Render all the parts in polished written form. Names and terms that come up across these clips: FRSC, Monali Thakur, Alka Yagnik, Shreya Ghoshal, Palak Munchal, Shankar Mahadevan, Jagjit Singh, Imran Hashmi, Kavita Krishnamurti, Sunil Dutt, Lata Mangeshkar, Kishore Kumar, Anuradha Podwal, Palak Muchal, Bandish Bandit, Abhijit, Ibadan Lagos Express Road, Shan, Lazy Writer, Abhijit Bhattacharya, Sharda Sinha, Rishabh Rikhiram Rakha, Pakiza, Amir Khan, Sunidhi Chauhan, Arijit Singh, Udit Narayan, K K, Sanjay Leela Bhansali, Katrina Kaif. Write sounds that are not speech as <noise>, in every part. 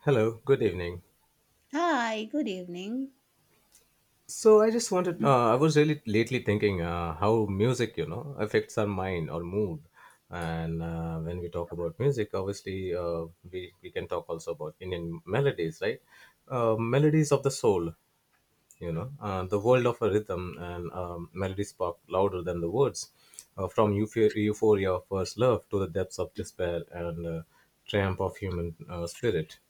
Hello, good evening. Hi, good evening. So I just wanted, I was really lately thinking how music, you know, affects our mind or mood. And when we talk about music, obviously we can talk also about Indian melodies, right? Melodies of the soul, you know, the world of a rhythm and melodies pop louder than the words. From euphoria of first love to the depths of despair, and triumph of human spirit.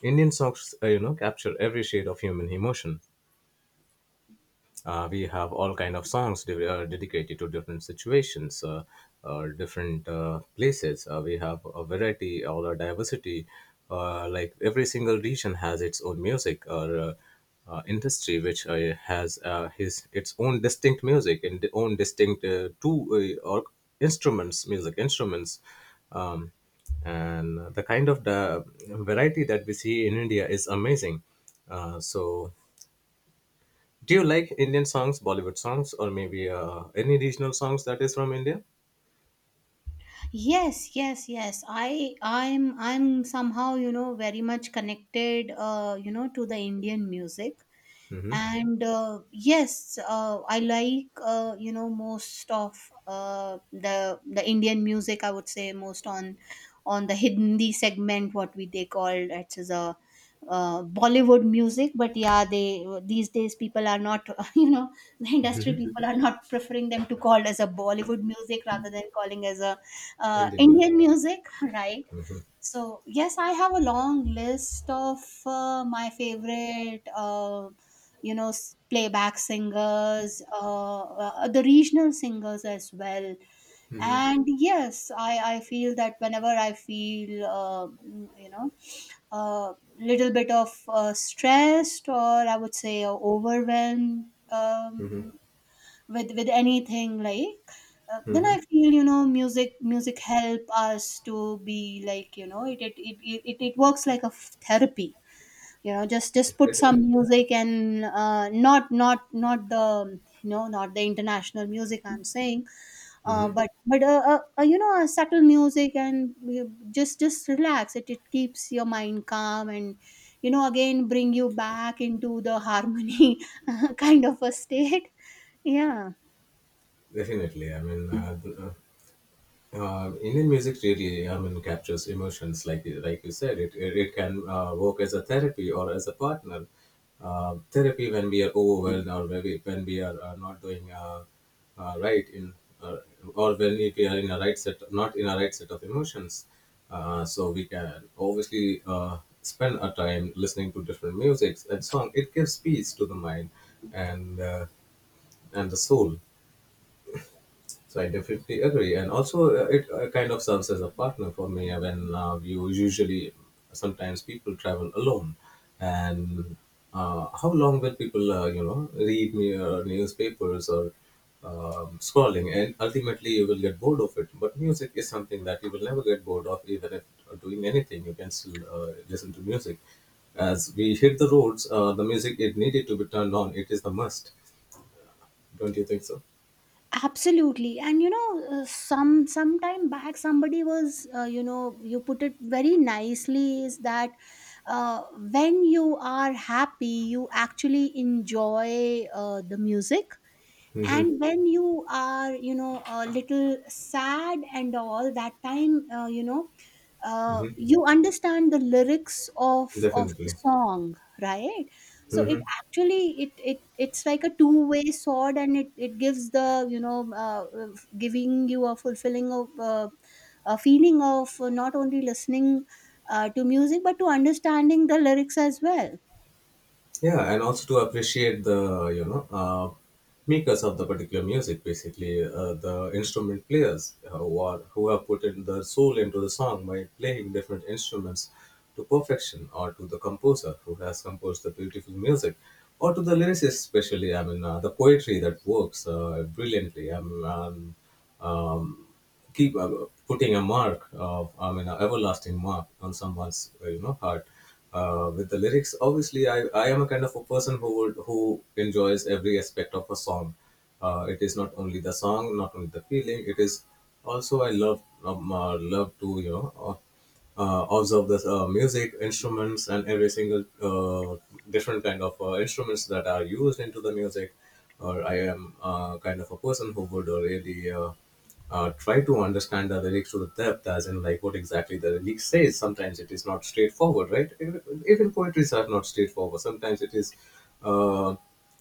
Indian songs, you know, capture every shade of human emotion. We have all kind of songs dedicated to different situations, different places. We have a variety, all a diversity, like every single region has its own music, or industry which has his, its own distinct music and the own distinct two or instruments, music instruments. um, and the kind of the variety that we see in India is amazing. So do you like Indian songs, Bollywood songs, or maybe any regional songs that is from India? Yes, yes, yes. I'm somehow, you know, very much connected you know, to the Indian music. And yes, I like, you know, most of the Indian music, I would say, most on the Hindi segment. What we they call it is a, Bollywood music. But yeah, they, these days people are not <laughs> you know, the industry people are not preferring them to call as a Bollywood music rather than calling as a Indian music, Indian music <laughs> right. So yes, I have a long list of my favorite, you know, playback singers, the regional singers as well. And yes, I feel that whenever I feel, you know, a little bit of stressed, or I would say overwhelmed, with anything, like then I feel, you know, music help us to be like, you know, it works like a therapy. You know, just put some music, and not not not the, you know, not the international music, I'm saying, but you know, a subtle music, and just relax. It keeps your mind calm and, you know, again bring you back into the harmony <laughs> kind of a state. Yeah, definitely. I mean, Indian music really, I mean, captures emotions. Like you said, it can work as a therapy or as a partner. Therapy when we are overwhelmed, or when we are not doing right in uh, or when, if we are in a right set, not in a right set of emotions. So we can obviously spend our time listening to different musics and song. It gives peace to the mind and uh, and the soul. So I definitely agree, and also it kind of serves as a partner for me when you usually sometimes people travel alone, and how long will people you know read me newspapers, or scrolling, and ultimately you will get bored of it. But music is something that you will never get bored of, even if doing anything, you can still listen to music. As we hit the roads, the music it needed to be turned on. It is the must. Don't you think so? absolutely. And you know, some time back somebody was, you know, you put it very nicely, is that uh, when you are happy, you actually enjoy the music. Mm-hmm. And when you are, you know, a little sad and all, that time, you know, Mm-hmm. you understand the lyrics of the Definitely. song, right? So it Hmm. actually, it it's like a two-way sword, and it gives the, you know, giving you a fulfilling of a feeling of not only listening to music, but to understanding the lyrics as well. Yeah, and also to appreciate the you know makers of the particular music, basically the instrument players who have put in their soul into the song by playing different instruments to perfection, or to the composer who has composed the beautiful music, or to the lyricist, especially. I mean, the poetry that works brilliantly. I mean, um, keep putting a mark of, I mean, an everlasting mark on someone's you know heart, with the lyrics. Obviously I am a kind of a person who would, who enjoys every aspect of a song. It is not only the song, not only the feeling, it is also I love love to you know observe the music instruments and every single uh, different kind of instruments that are used into the music. Or I am kind of a person who would really try to understand the lyrics to the depth, as in like what exactly the lyric says. Sometimes it is not straightforward, right? Even poetries are not straightforward. Sometimes uh,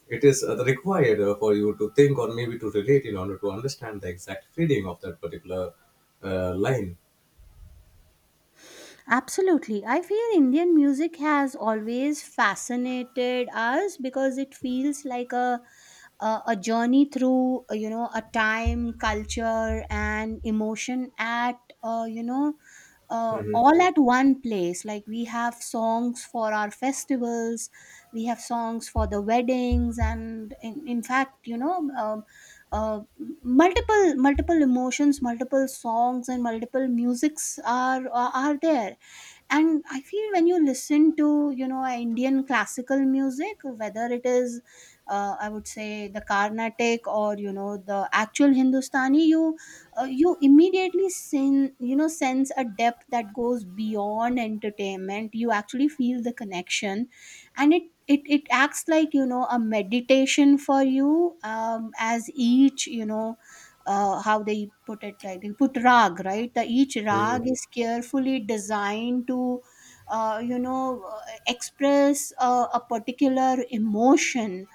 it is required for you to think, or maybe to relate in order to understand the exact feeling of that particular line. Absolutely. I feel Indian music has always fascinated us because it feels like a a journey through, you know, a time, culture and emotion at, you know, Hmm. all at one place. Like, we have songs for our festivals, we have songs for the weddings, and in fact, you know, uh, multiple emotions, multiple songs, and multiple musics are are there. And I feel, when you listen to, you know, Indian classical music, whether it is, I would say, the Carnatic, or you know, the actual Hindustani, you you immediately you know, sense a depth that goes beyond entertainment. You actually feel the connection, and it acts like, you know, a meditation for you, as each, you know, how they put it, like, they put rag, right? The each rag Hmm. is carefully designed to you know, express a particular emotion,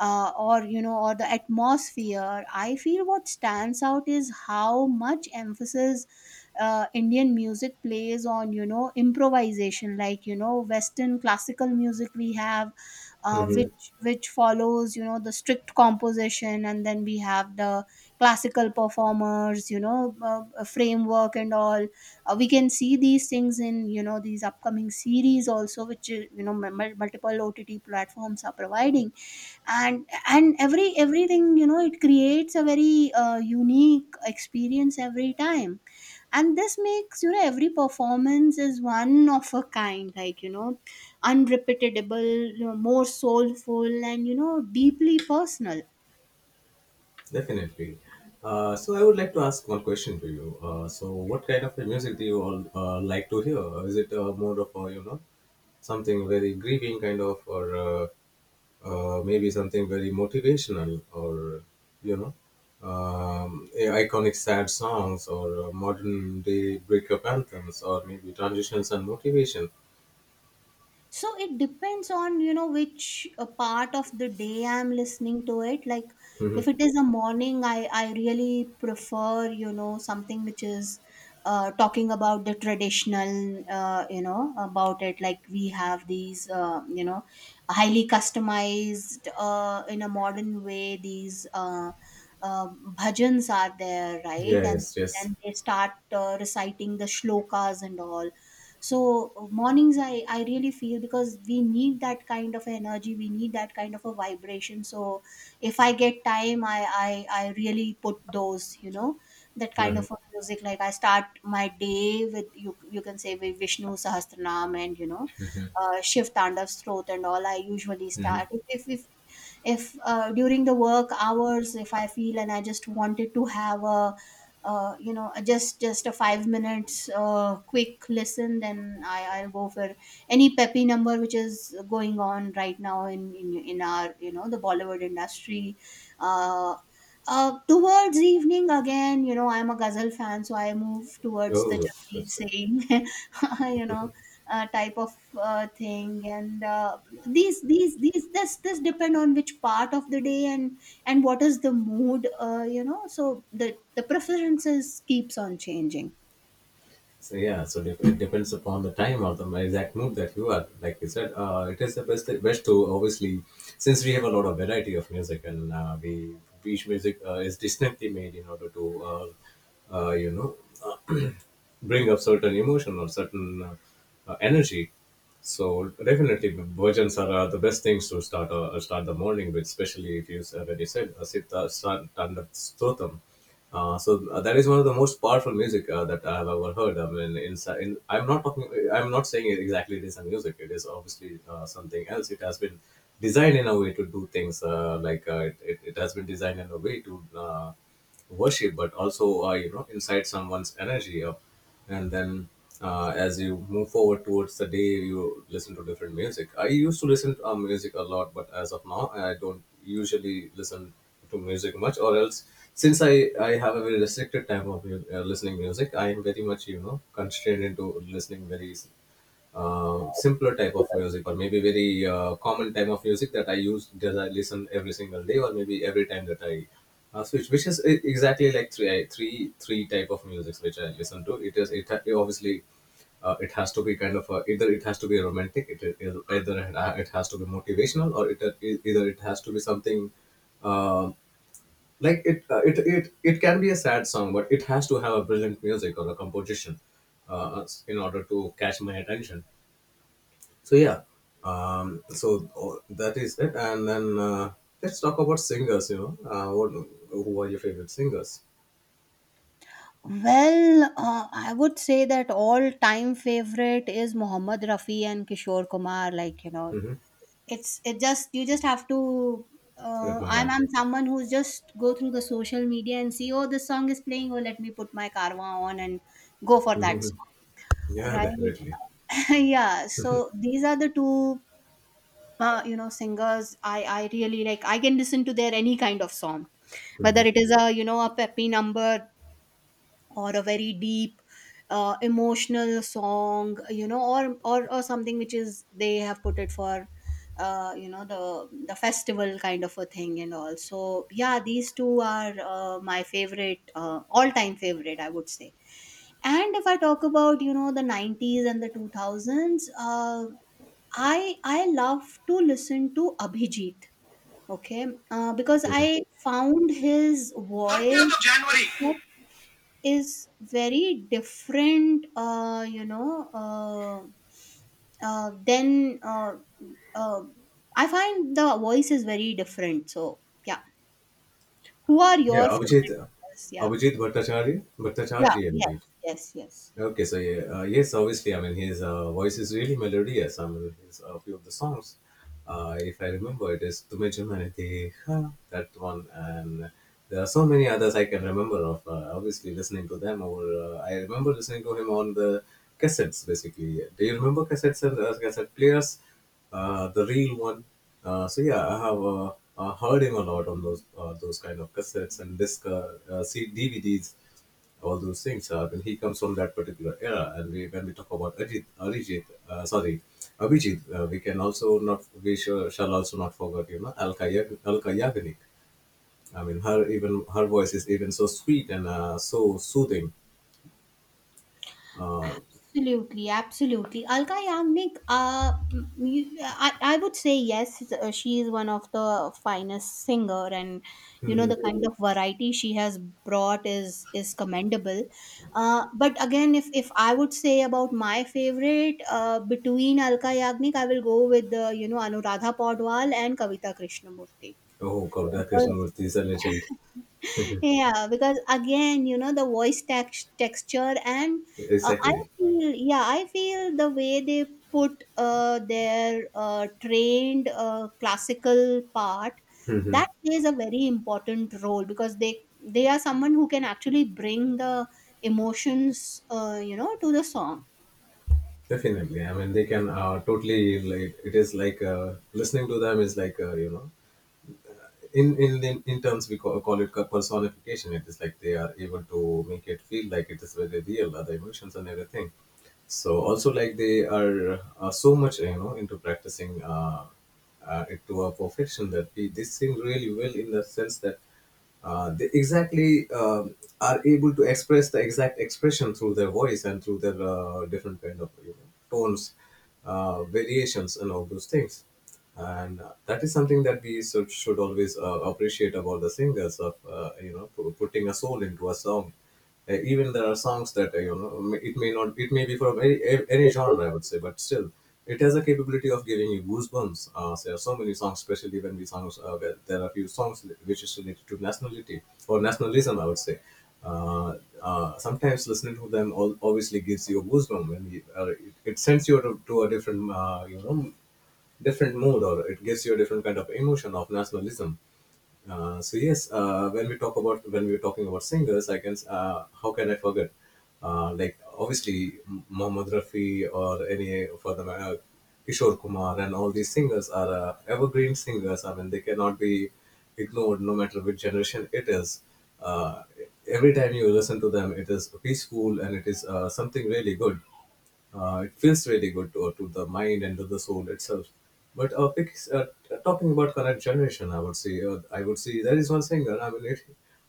or you know, or the atmosphere. I feel what stands out is how much emphasis Indian music plays on, you know, improvisation. Like, you know, Western classical music we have, uh, Hmm. which which follows, you know, the strict composition, and then we have the classical performers, you know, a framework and all. We can see these things in, you know, these upcoming series also, which, you know, multiple OTT platforms are providing. And every everything, you know, it creates a very unique experience every time. And this makes, you know, every performance is one of a kind, like, you know, unrepeatable, you know, more soulful and, you know, deeply personal. Definitely. So I would like to ask one question to you. So what kind of a music do you all like to hear? Is it more of a, you know, something very grieving kind of, or maybe something very motivational, or you know iconic sad songs, or modern day breakup anthems, or maybe transitions and motivation? So it depends on, you know, which part of the day I'm listening to it. Like, Hmm. if it is a morning, I really prefer, you know, something which is talking about the traditional, you know, about it. Like, we have these, you know, highly customized, in a modern way, these uh, bhajans are there, right? Yeah. And Yes. Yes. then they start reciting the shlokas and all. So mornings, I really feel, because we need that kind of energy, we need that kind of a vibration. So if I get time, I really put those, you know, that kind Mhm. of a music. Like, I start my day with, you can say, with Vishnu Sahasranam, and you know, Shiv Tandav Stroth and all, I usually Mhm. start. If during the work hours, if I feel and I just wanted to have a you know, just a 5 minutes quick listen, then I'll go for any peppy number which is going on right now in in our, you know, the Bollywood industry. uh, Towards evening, again, you know, I'm a ghazal fan, so I move towards the Oh, Jagjit that's good. Singh <laughs> you know, type of thing. And these this this depend on which part of the day, and what is the mood, you know. So the preferences keeps on changing. So yeah, it depends upon the time or the exact mood that you are. Like you said, it is the best to obviously, since we have a lot of variety of music and we each music is distinctly made in order to, you know, <clears throat> bring up certain emotion or certain energy. So definitely, bhojans are the best things to start the morning with, especially if you already said Sita Standard Stotam. So that is one of the most powerful music that I have ever heard. I mean, I'm not talking. I'm not saying it exactly, it is a music. It is obviously something else. It has been designed in a way to do things like it has been designed in a way to. Worship, but also you know inside someone's energy, and then as you move forward towards the day you listen to different music. I used to listen to music a lot, but as of now I don't usually listen to music much. Or else, since I have a very restricted time of listening music, I am very much you know constrained into listening very simpler type of music, or maybe very common type of music that I use, that I listen every single day, or maybe every time that I switch, exactly like three type of musics which I listen to. It is it, ha- Obviously it has to be kind of a, either it has to be romantic, it either it ha- it has to be motivational, or it either it has to be something um like it can be a sad song, but it has to have a brilliant music or a composition in order to catch my attention. So yeah, that is it. And then let's talk about singers. You know, what, who are your favorite singers? Well, I would say that all time favorite is Mohammad Rafi and Kishore Kumar. Like, you know, Mm-hmm. it's, it just, you just have to Admire. I'm someone who's just go through the social media and see, oh, this song is playing, oh, let me put my karma on, and go <laughs> for that Hmm. song, Yeah, right? definitely. <laughs> Yeah, so these are the two you know, singers I really like. I can listen to their any kind of song, whether Hmm. it is a, you know, a peppy number, or a very deep emotional song, you know, or something which is they have put it for you know, the festival kind of a thing and all. So yeah, these two are my favorite, all time favorite, I would say. And if I talk about, you know, the 90s and the 2000s. I love to listen to Abhijit, okay, because Hmm. I found his voice 30th of January. is very different, you know, then uh, I find the voice is very different. So yeah, who are Yeah, your favorite Abhijit, singers? Yeah, Abhijit Bhattacharya, yeah, Bhattacharya, I believe. yes, yes, yes. Okay, so yeah, yes, obviously, I mean, his voice is really melodious. I mean, his, a few of the songs, if I remember, it is Tumhe Chumhane Dekha, that one, and there are so many others I can remember of. Obviously, listening to them, or I remember listening to him on the cassettes, basically. Do you remember cassettes and cassette players? The real one. So yeah, I have heard him a lot on those kind of cassettes and DVDs, all those things. And he comes from that particular era, and we, when we talk about Abhijit, we can also not, shall also not forget, you know, Alka Yagnik. I mean, her, even her voice is even so sweet and so soothing. Uh, Absolutely, absolutely. Alka Yagnik, I would say, yes, she is one of the finest singer, and you know, mhm. the kind of variety she has brought is commendable. But again, if I would say about my favorite between Alka Yagnik, I will go with the, you know, Anuradha Podwal and Kavita Krishnamurti, Oh God, that because Krishnamurti is a legend. yeah, because again, you know, the voice texture, and I Exactly. feel, yeah, I feel the way they put their trained classical part, Mhm. that plays a very important role, because they are someone who can actually bring the emotions, you know, to the song. Definitely. I mean, they can totally like it is like listening to them is like you know in terms we call it personification, it is like they are able to make it feel like it is very real other emotions and everything. So also like they are so much you know into practicing it to a perfection, that we they sing really well in the sense that they exactly are able to express the exact expression through their voice and through their different kind of you know tones, variations and all those things. And that is something that we should always appreciate about the singers of you know putting a soul into a song. Even there are songs that you know it may not, it may be from any genre I would say, but still it has a capability of giving you goosebumps. There are so many songs, especially when we songs where there are few songs which is related to nationality or nationalism, I would say. Uh, Sometimes listening to them all obviously gives you a goosebump and it, it sends you to a different you know different mood, or it gives you a different kind of emotion of nationalism. So yes, when we talk about, when we were talking about singers, I can how can I forget? Like obviously Mohammad Rafi, or any for the matter, Kishore Kumar, and all these singers are evergreen singers. I mean they cannot be ignored no matter which generation it is. Uh, every time you listen to them, it is peaceful and it is something really good. It feels really good to the mind and to the soul itself. But talking about current generation, I would say there is one singer. I mean,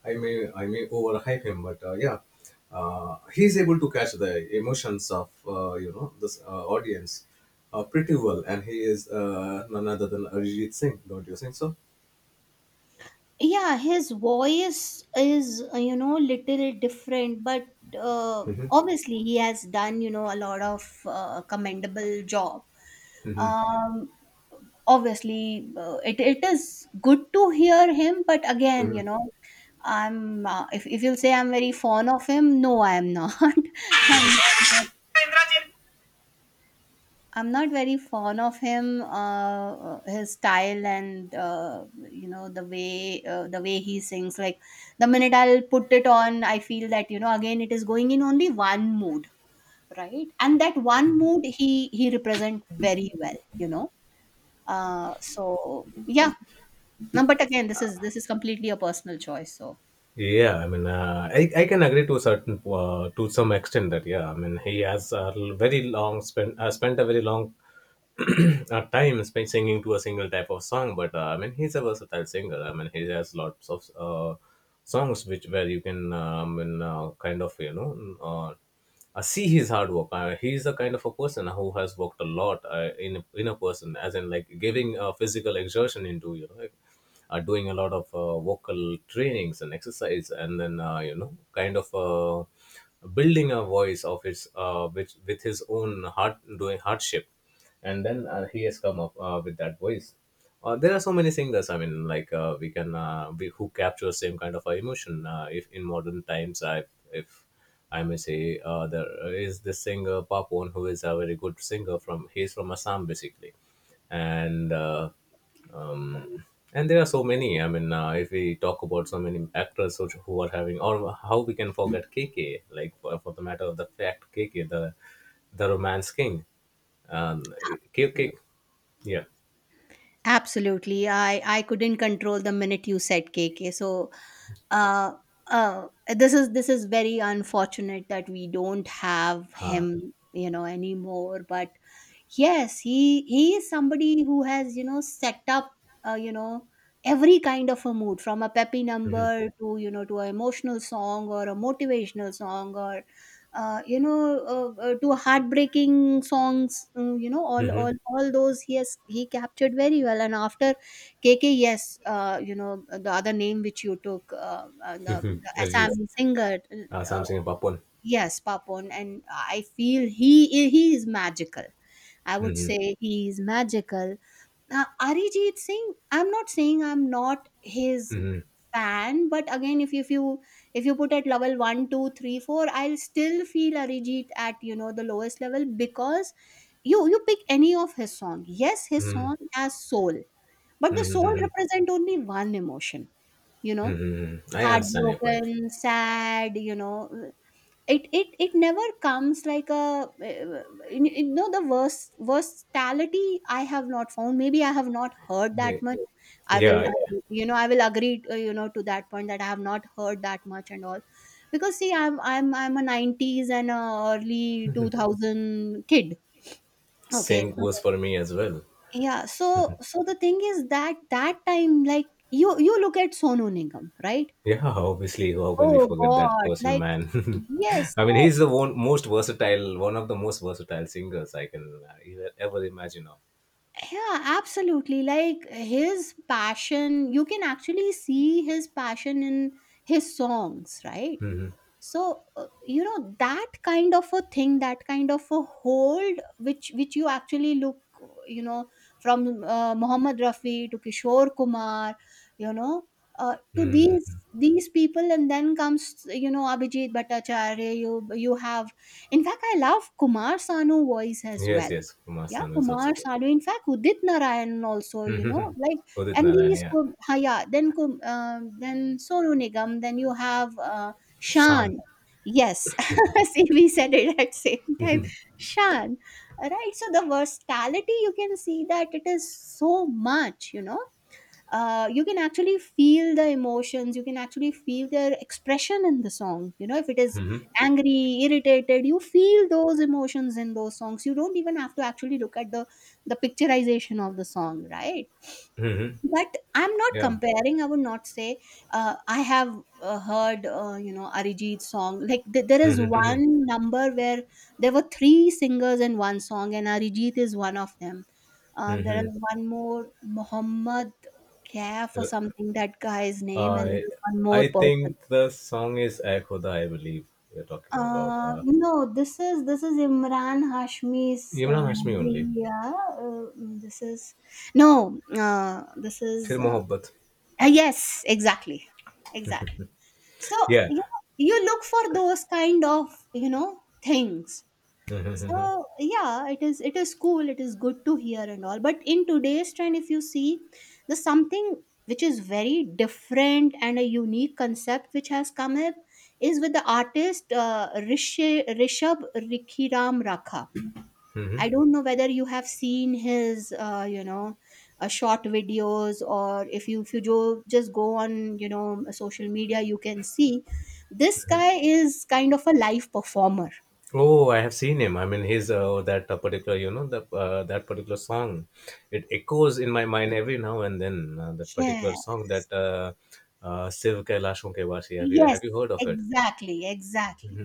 I may overhype him, but yeah, he's able to catch the emotions of you know this audience pretty well, and he is none other than Arijit Singh. Don't you think so? Yeah, his voice is, you know, little different, but obviously he has done, you know, a lot of commendable job. Hmm. um obviously, it is good to hear him, but again, you Hmm. know, I'm, if you'll say I'm very fond of him, no, I am not. <laughs> I'm not, I'm not very fond of him. His style and, you know, the way, the way he sings. Like, the minute I'll put it on, I feel that, you know, again, it is going in only one mood, right? And that one mood he represent very well, you know. So yeah, no, but again, this is completely a personal choice. So Yeah, I mean, I can agree to a certain to some extent that yeah, I mean, he has a very long spent spent a very long time spent singing to a single type of song. But I mean, he's a versatile singer. I mean, he has lots of songs which where you can kind of see his hard work. He's the kind of a person who has worked a lot in a person, as in like giving physical exertion into you know. Like, doing a lot of vocal trainings and exercise, and then you know, kind of building a voice of his which with his own heart doing hardship and then he has come up with that voice. There are so many singers, I mean, like we, who capture same kind of emotion. If in modern times I if I may say there is this singer Papon, who is a very good singer from he's from Assam basically. And uh, um, and there are so many, I mean, if we talk about so many actors who are having or how we can forget K K. Like for the matter of the fact, K K. The romance king. um, Cake, absolutely, cake. Yeah. absolutely. I couldn't control the minute you said K K. So uh, uh, this is very unfortunate that we don't have Uh, him, you know, anymore. But yes, he is somebody who has, you know, set up you know, every kind of a mood, from a peppy number to, you know, to an emotional song, or a motivational song, or uh, you know to heartbreaking songs. You know, all all mm-hmm. all those he has, he captured very well. And after K K, yes, you know, the other name which you took, the Ajit. Assam singer, uh, Something about porn. yes, Papon, and I feel he is magical. I would Mm-hmm. say he is magical. Now, Arijit Singh, I'm not saying I'm not his fan, but again, if you, if you put at level one, two, three, four, I'll still feel Arijit at, you know, the lowest level. Because you pick any of his song, yes, his song has soul, but the Mm-hmm. soul Mm-hmm. represent only one emotion. You know, I understand your point. heartbroken, sad. You know, it never comes like a, you you know, the worst versatility I have not found. Maybe I have not heard Yeah. that much. Yeah, I will agree, to that point that I have not heard that much and all because see I'm a 90s and a early 2000 kid. Okay. same goes for me as well. Yeah. So the thing is that time, like you look at Sonu Nigam, right? Yeah, obviously, how can we Oh forget that God, person, like man? yes. <laughs> I mean, So he's the one most versatile, one of the most versatile singers I can ever ever imagine of. yeah, absolutely. Like his passion, you can actually see his passion in his songs, right? So you know, that kind of a thing, that kind of a hold which you actually look, you know from Mohammed Rafi to Kishore Kumar, you know to these people, and then comes, Abhijit Bhattacharya, you have. In fact, I love Kumar Sanu voice as Yes, well. yes, Kumar Yeah, Sanu is Kumar also good. Sanu, in fact Udit Narayan also, you know, like. Udit And Narayan, these yeah. Yeah, then then Sonu Nigam, then you have Sean, Shan. Yes. <laughs> See, we said it at same time. Shan. Right. So the versatility you can see that it is so much, you know. You can actually feel the emotions, you can actually feel their expression in the song, you know, if it is angry, irritated, you feel those emotions in those songs. You don't even have to actually look at the picturization of the song, right? But I'm not yeah. comparing, I would not say. I have heard, Arijit's song, like there is one number where there were three singers in one song and Arijit is one of them. There is one more Muhammad Kaf or something, that guy's name, and there I is one more I person. think the song is Ae Khuda, I believe you're talking about. No, this is Imran Hashmi's, Imran Hashmi only. yeah. Uh, this is no, this is Phir Mohabbat. uh, yes, exactly. Exactly. So Yeah. you, you look for those kind of, things. So yeah, it is cool, it is good to hear and all. But in today's trend, if you see, there's something which is very different, and a unique concept which has come up is with the artist, Rishabh Rikhiram Rakha. I don't know whether you have seen his short videos, or if you just go on, social media. You can see this guy is kind of a live performer. Oh, I have seen him. I mean, his that particular, you know, that that particular song, it echoes in my mind every now and then. That Yeah. particular song that Siv Kailashon Ke Vaasi. Have you Yes. have you heard of it? Exactly. Exactly.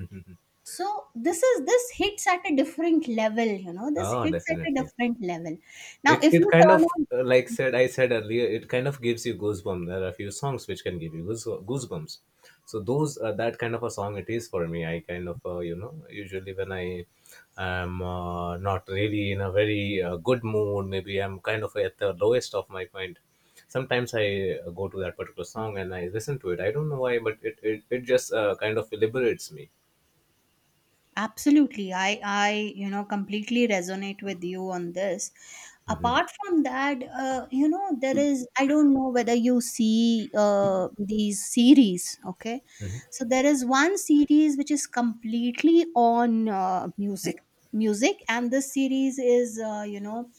So this hits at a different level. This Ah, hits at a definitely. different level. Now, It if it you kind turn of on. Like said I said earlier. It kind of gives you goosebumps. There are a few songs which can give you goosebumps. So those that kind of a song it is for me. I kind of you know usually when I am not really in a very good mood, maybe I'm kind of at the lowest of my point. Sometimes I go to that particular song and I listen to it. I don't know why, but it just kind of liberates me. Absolutely. I completely resonate with you on this. Hmm. Apart from that, there is, I don't know whether you see these series, okay? So there is one series which is completely on music. Music. And this series is,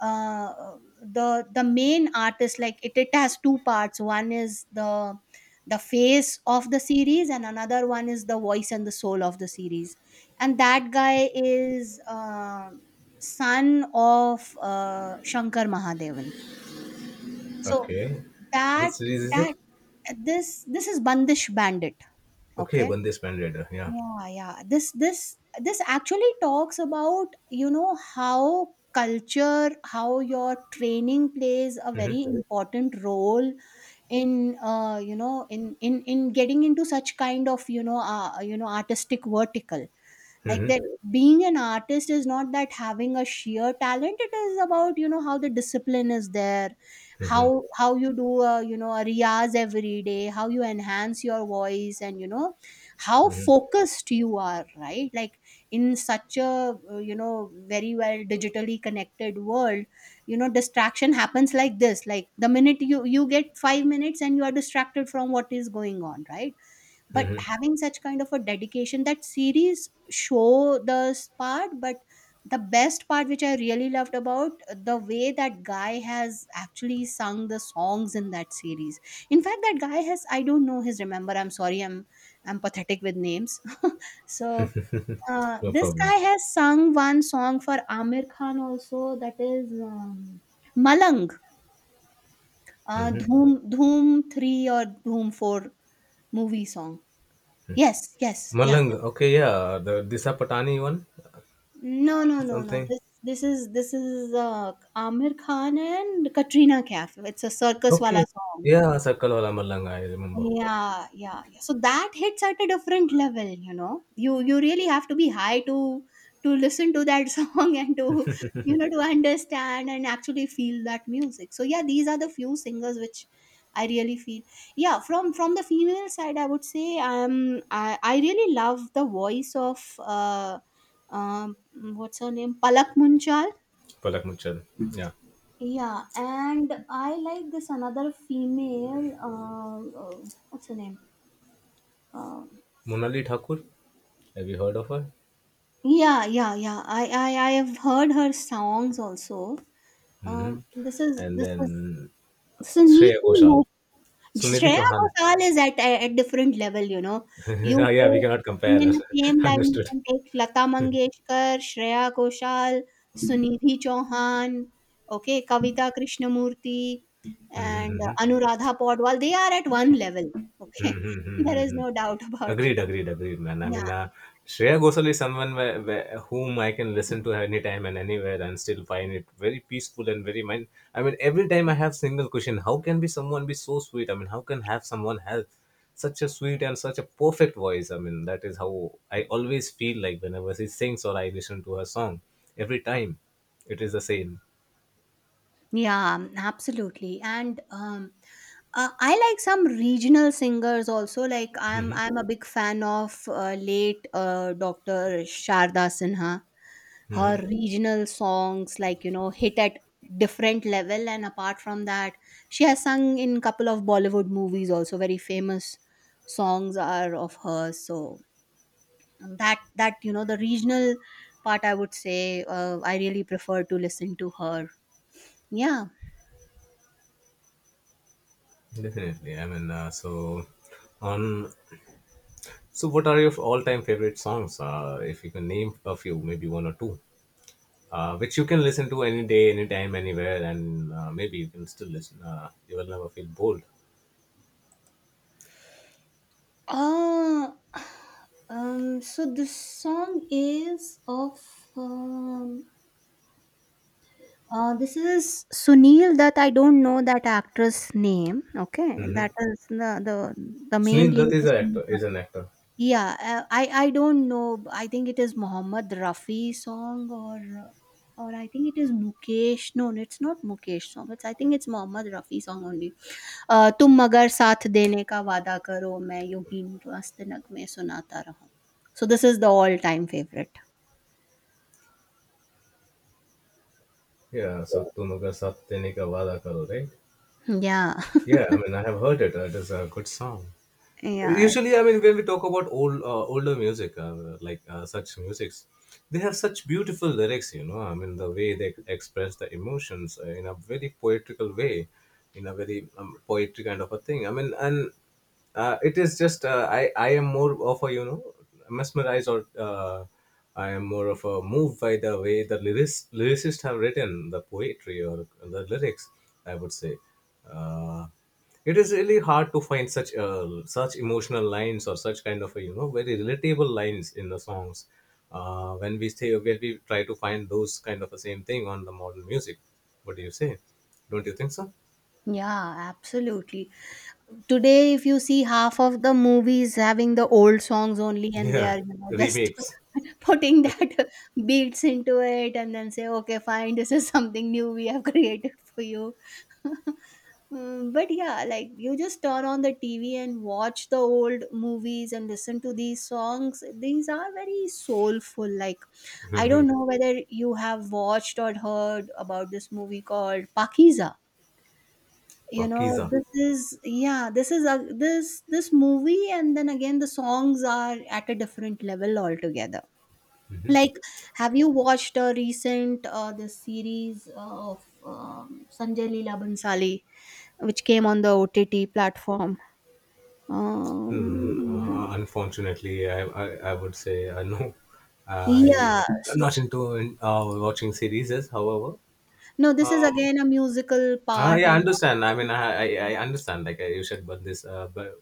uh, the main artist, like, it has two parts. One is the face of the series, and another one is the voice and the soul of the series. And that guy is son of Shankar Mahadevan. So Okay, which that, series is that it? this is Bandish Bandit. Okay, Okay. Bande Splendid. Yeah. Yeah, yeah. This actually talks about, you know, how culture, how your training plays a very Correct. Important role in, in in getting into such kind of, artistic vertical, like Hmm. that. Being an artist is not that having a sheer talent, it is about, you know, how the discipline is there, how you do a, you know, a riyaz every day, how you enhance your voice, and, you know, how Hmm. focused you are, right? Like, in such a, very well digitally connected world, you know, distraction happens, like this. Like, the minute you get 5 minutes and you are distracted from what is going on, right? But having such kind of a dedication, that series show this part. But the best part, which I really loved about, the way that guy has actually sung the songs in that series. In fact, that guy has, I don't know, his, remember, I'm sorry, I'm pathetic with names. <laughs> So No this guy problem. has sung one song for Amir Khan also. That is, Malang. uh, Hmm. dhoom dhoom 3 or Dhoom 4 movie song. Yes, yes, yeah. Malang. Okay, yeah. The Disa Patani one, No, no, no, no. something. This is Amir Khan and Katrina Kaif. It's a circus wala Okay. song. Yeah, Circle Wala Malang. I remember. Yeah, yeah, yeah. So that hits at a different level, you know. You really have to be high to listen to that <laughs> song and to, you know, to understand and actually feel that music. So yeah, these are the few singers which I really feel. Yeah, from the female side, I would say, I really love the voice of, um what's her name, Palak Munchal. Palak Muchal. Yeah. Yeah, and I like this another female. What's her name? Uh, Monali Thakur. Have you heard of her? Yeah, yeah, yeah. I have heard her songs also. Hmm. This is And this is then this is neat Shreya to know. Ghoshal. Sunidhi Shreya Chauhan. Ghoshal is at a, at different level, you know. <laughs> You Yeah, we take, cannot compare in her. the same <laughs> line, you Understood. can take Lata Mangeshkar, Shreya Ghoshal, Sunidhi Chauhan, okay, Kavita Krishnamurti, and Anuradha Podwal. They are at one level, okay. <laughs> There is <laughs> no doubt about it. Agreed, agreed, agreed, man. I Yeah, mean, Shreya Ghosal is someone whom I can listen to anytime and anywhere and still find it very peaceful and very mind. I mean, every time I have single question, how can be someone be so sweet? I mean, how can have someone have such a sweet and such a perfect voice? I mean, that is how I always feel like whenever she sings or I listen to her song. Every time, it is the same. yeah, absolutely. And I like some regional singers also. Like I'm a big fan of, late Dr. Sharda Sinha. Her regional songs, like, you know, hit at different level. And apart from that, she has sung in couple of Bollywood movies also. Very famous songs are of hers. So, that that you know, the regional part, I would say, I really prefer to listen to her. Yeah. Definitely. I mean, so on. So, what are your all-time favorite songs? If you can name a few, maybe one or two, which you can listen to any day, anytime, anywhere, and maybe you can still listen. You will never feel bored. Uh, so this song is of, um, this is Sunil, that I don't know that actress name. Okay, Mm-hmm. that is the the main Sunil lead Dutt is is an actor. Sunil. Is an actor. Yeah, I don't know. I think it is Mohammed Rafi song uh, or I think it is Mukesh. No, no, it's not Mukesh song. It's, I think it's Mohammed Rafi song only. तुम मगर साथ देने का वादा करो मैं यूं ही मस्त नगमे सुनाता रहूं. So this is the all time favorite. Yeah. So Tumaga Satyanika Vada Karo, right? Yeah. <laughs> Yeah. I mean, I have heard it. It is a good song. Yeah. Usually, I mean, when we talk about older music, like such musics, they have such beautiful lyrics. You know, I mean, the way they express the emotions in a very poetical way, in a very poetry kind of a thing. I mean, and it is just uh, I am more of a you know mesmerized or I am more of a moved by the way the lyrics lyricists have written the poetry or the lyrics. I would say uh, it is really hard to find such such emotional lines or such kind of a, you know very relatable lines in the songs. When we say when we try to find those kind of the same thing on the modern music, what do you say? Don't you think so? Yeah, absolutely. Today, if you see, half of the movies having the old songs only, and they Yeah, are, you know, just remakes. <laughs> putting that <laughs> beats into it, and then say, okay, fine, this is something new we have <laughs> created for you. <laughs> Mm, but yeah, like, you just turn on the TV and watch the old movies and listen to these songs. These are very soulful. Like, I don't <laughs> know whether you have watched or heard about this movie called Pakiza. You know, Pakiza. this is, yeah, this is a, this movie, and then again the songs are at a different level altogether. Like, have you watched a recent, the series of, Sanjay Leela Bhansali, which came on the OTT platform, Hmm, um, unfortunately, I would say no. I yeah, am so not into watching series. Yes, however, no, this is um, again a musical part. yeah, I And understand. I understand. Like you said, but but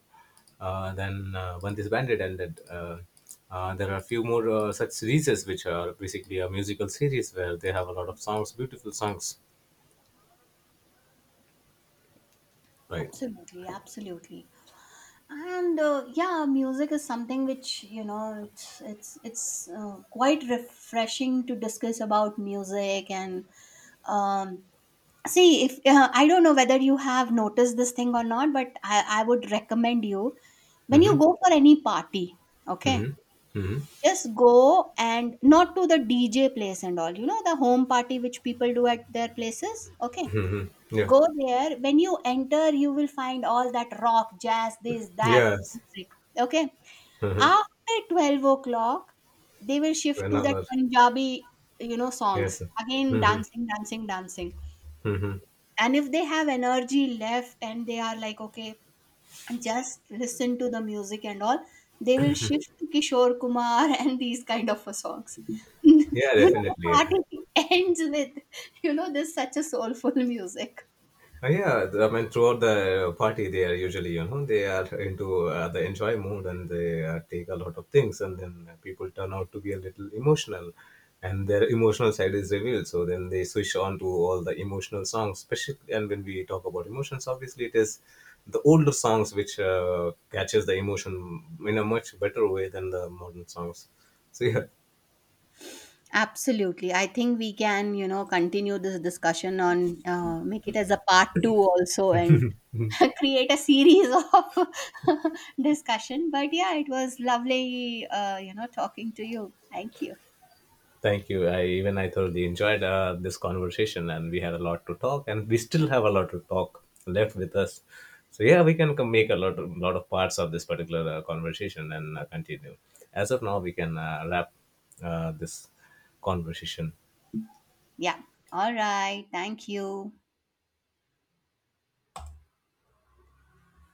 then when this band did ended, there are a few more such series which are basically a musical series where they have a lot of songs, beautiful songs, right? absolutely, absolutely. And yeah, music is something which, you know, it's quite refreshing to discuss about music. And um see, if, I don't know whether you have noticed this thing or not, but I would recommend you, when you Mm-hmm. go for any party, okay, Mm-hmm. Mm-hmm. just go, and not to the DJ place and all, you know, the home party which people do at their places, okay, Yeah. go there. When you enter, you will find all that rock, jazz, this, that Yes. music, okay. After 12 o'clock, they will shift We're to not that allowed. Punjabi, you know, songs. Yes. Again, Mm-hmm. dancing, dancing, dancing. Mm-hmm. And if they have energy left and they are like, okay, just listen to the music and all, they will shift to Kishore Kumar <laughs> and these kind of a songs. <laughs> You Yeah, know, the definitely. party <laughs> ends with, you know, this, such a soulful music. I mean, throughout the party, they are usually, you know, they are into the enjoy mood and they take a lot of things, and then people turn out to be a little emotional, and their emotional side is revealed. So then they switch on to all the emotional songs, especially. And when we talk about emotions, obviously, it is the older songs which catches the emotion in a much better way than the modern songs. So yeah. Absolutely. I think we can, you know, continue this discussion on, make it as a part two also, and <laughs> create a series of <laughs> discussion. But yeah, it was lovely, you know, talking to you. Thank you. Thank you. I even I thoroughly enjoyed this conversation, and we had a lot to talk, and we still have a lot to talk left with us. So yeah, we can come make a lot of parts of this particular conversation and continue. As of now, we can wrap this conversation. Yeah, all right, thank you.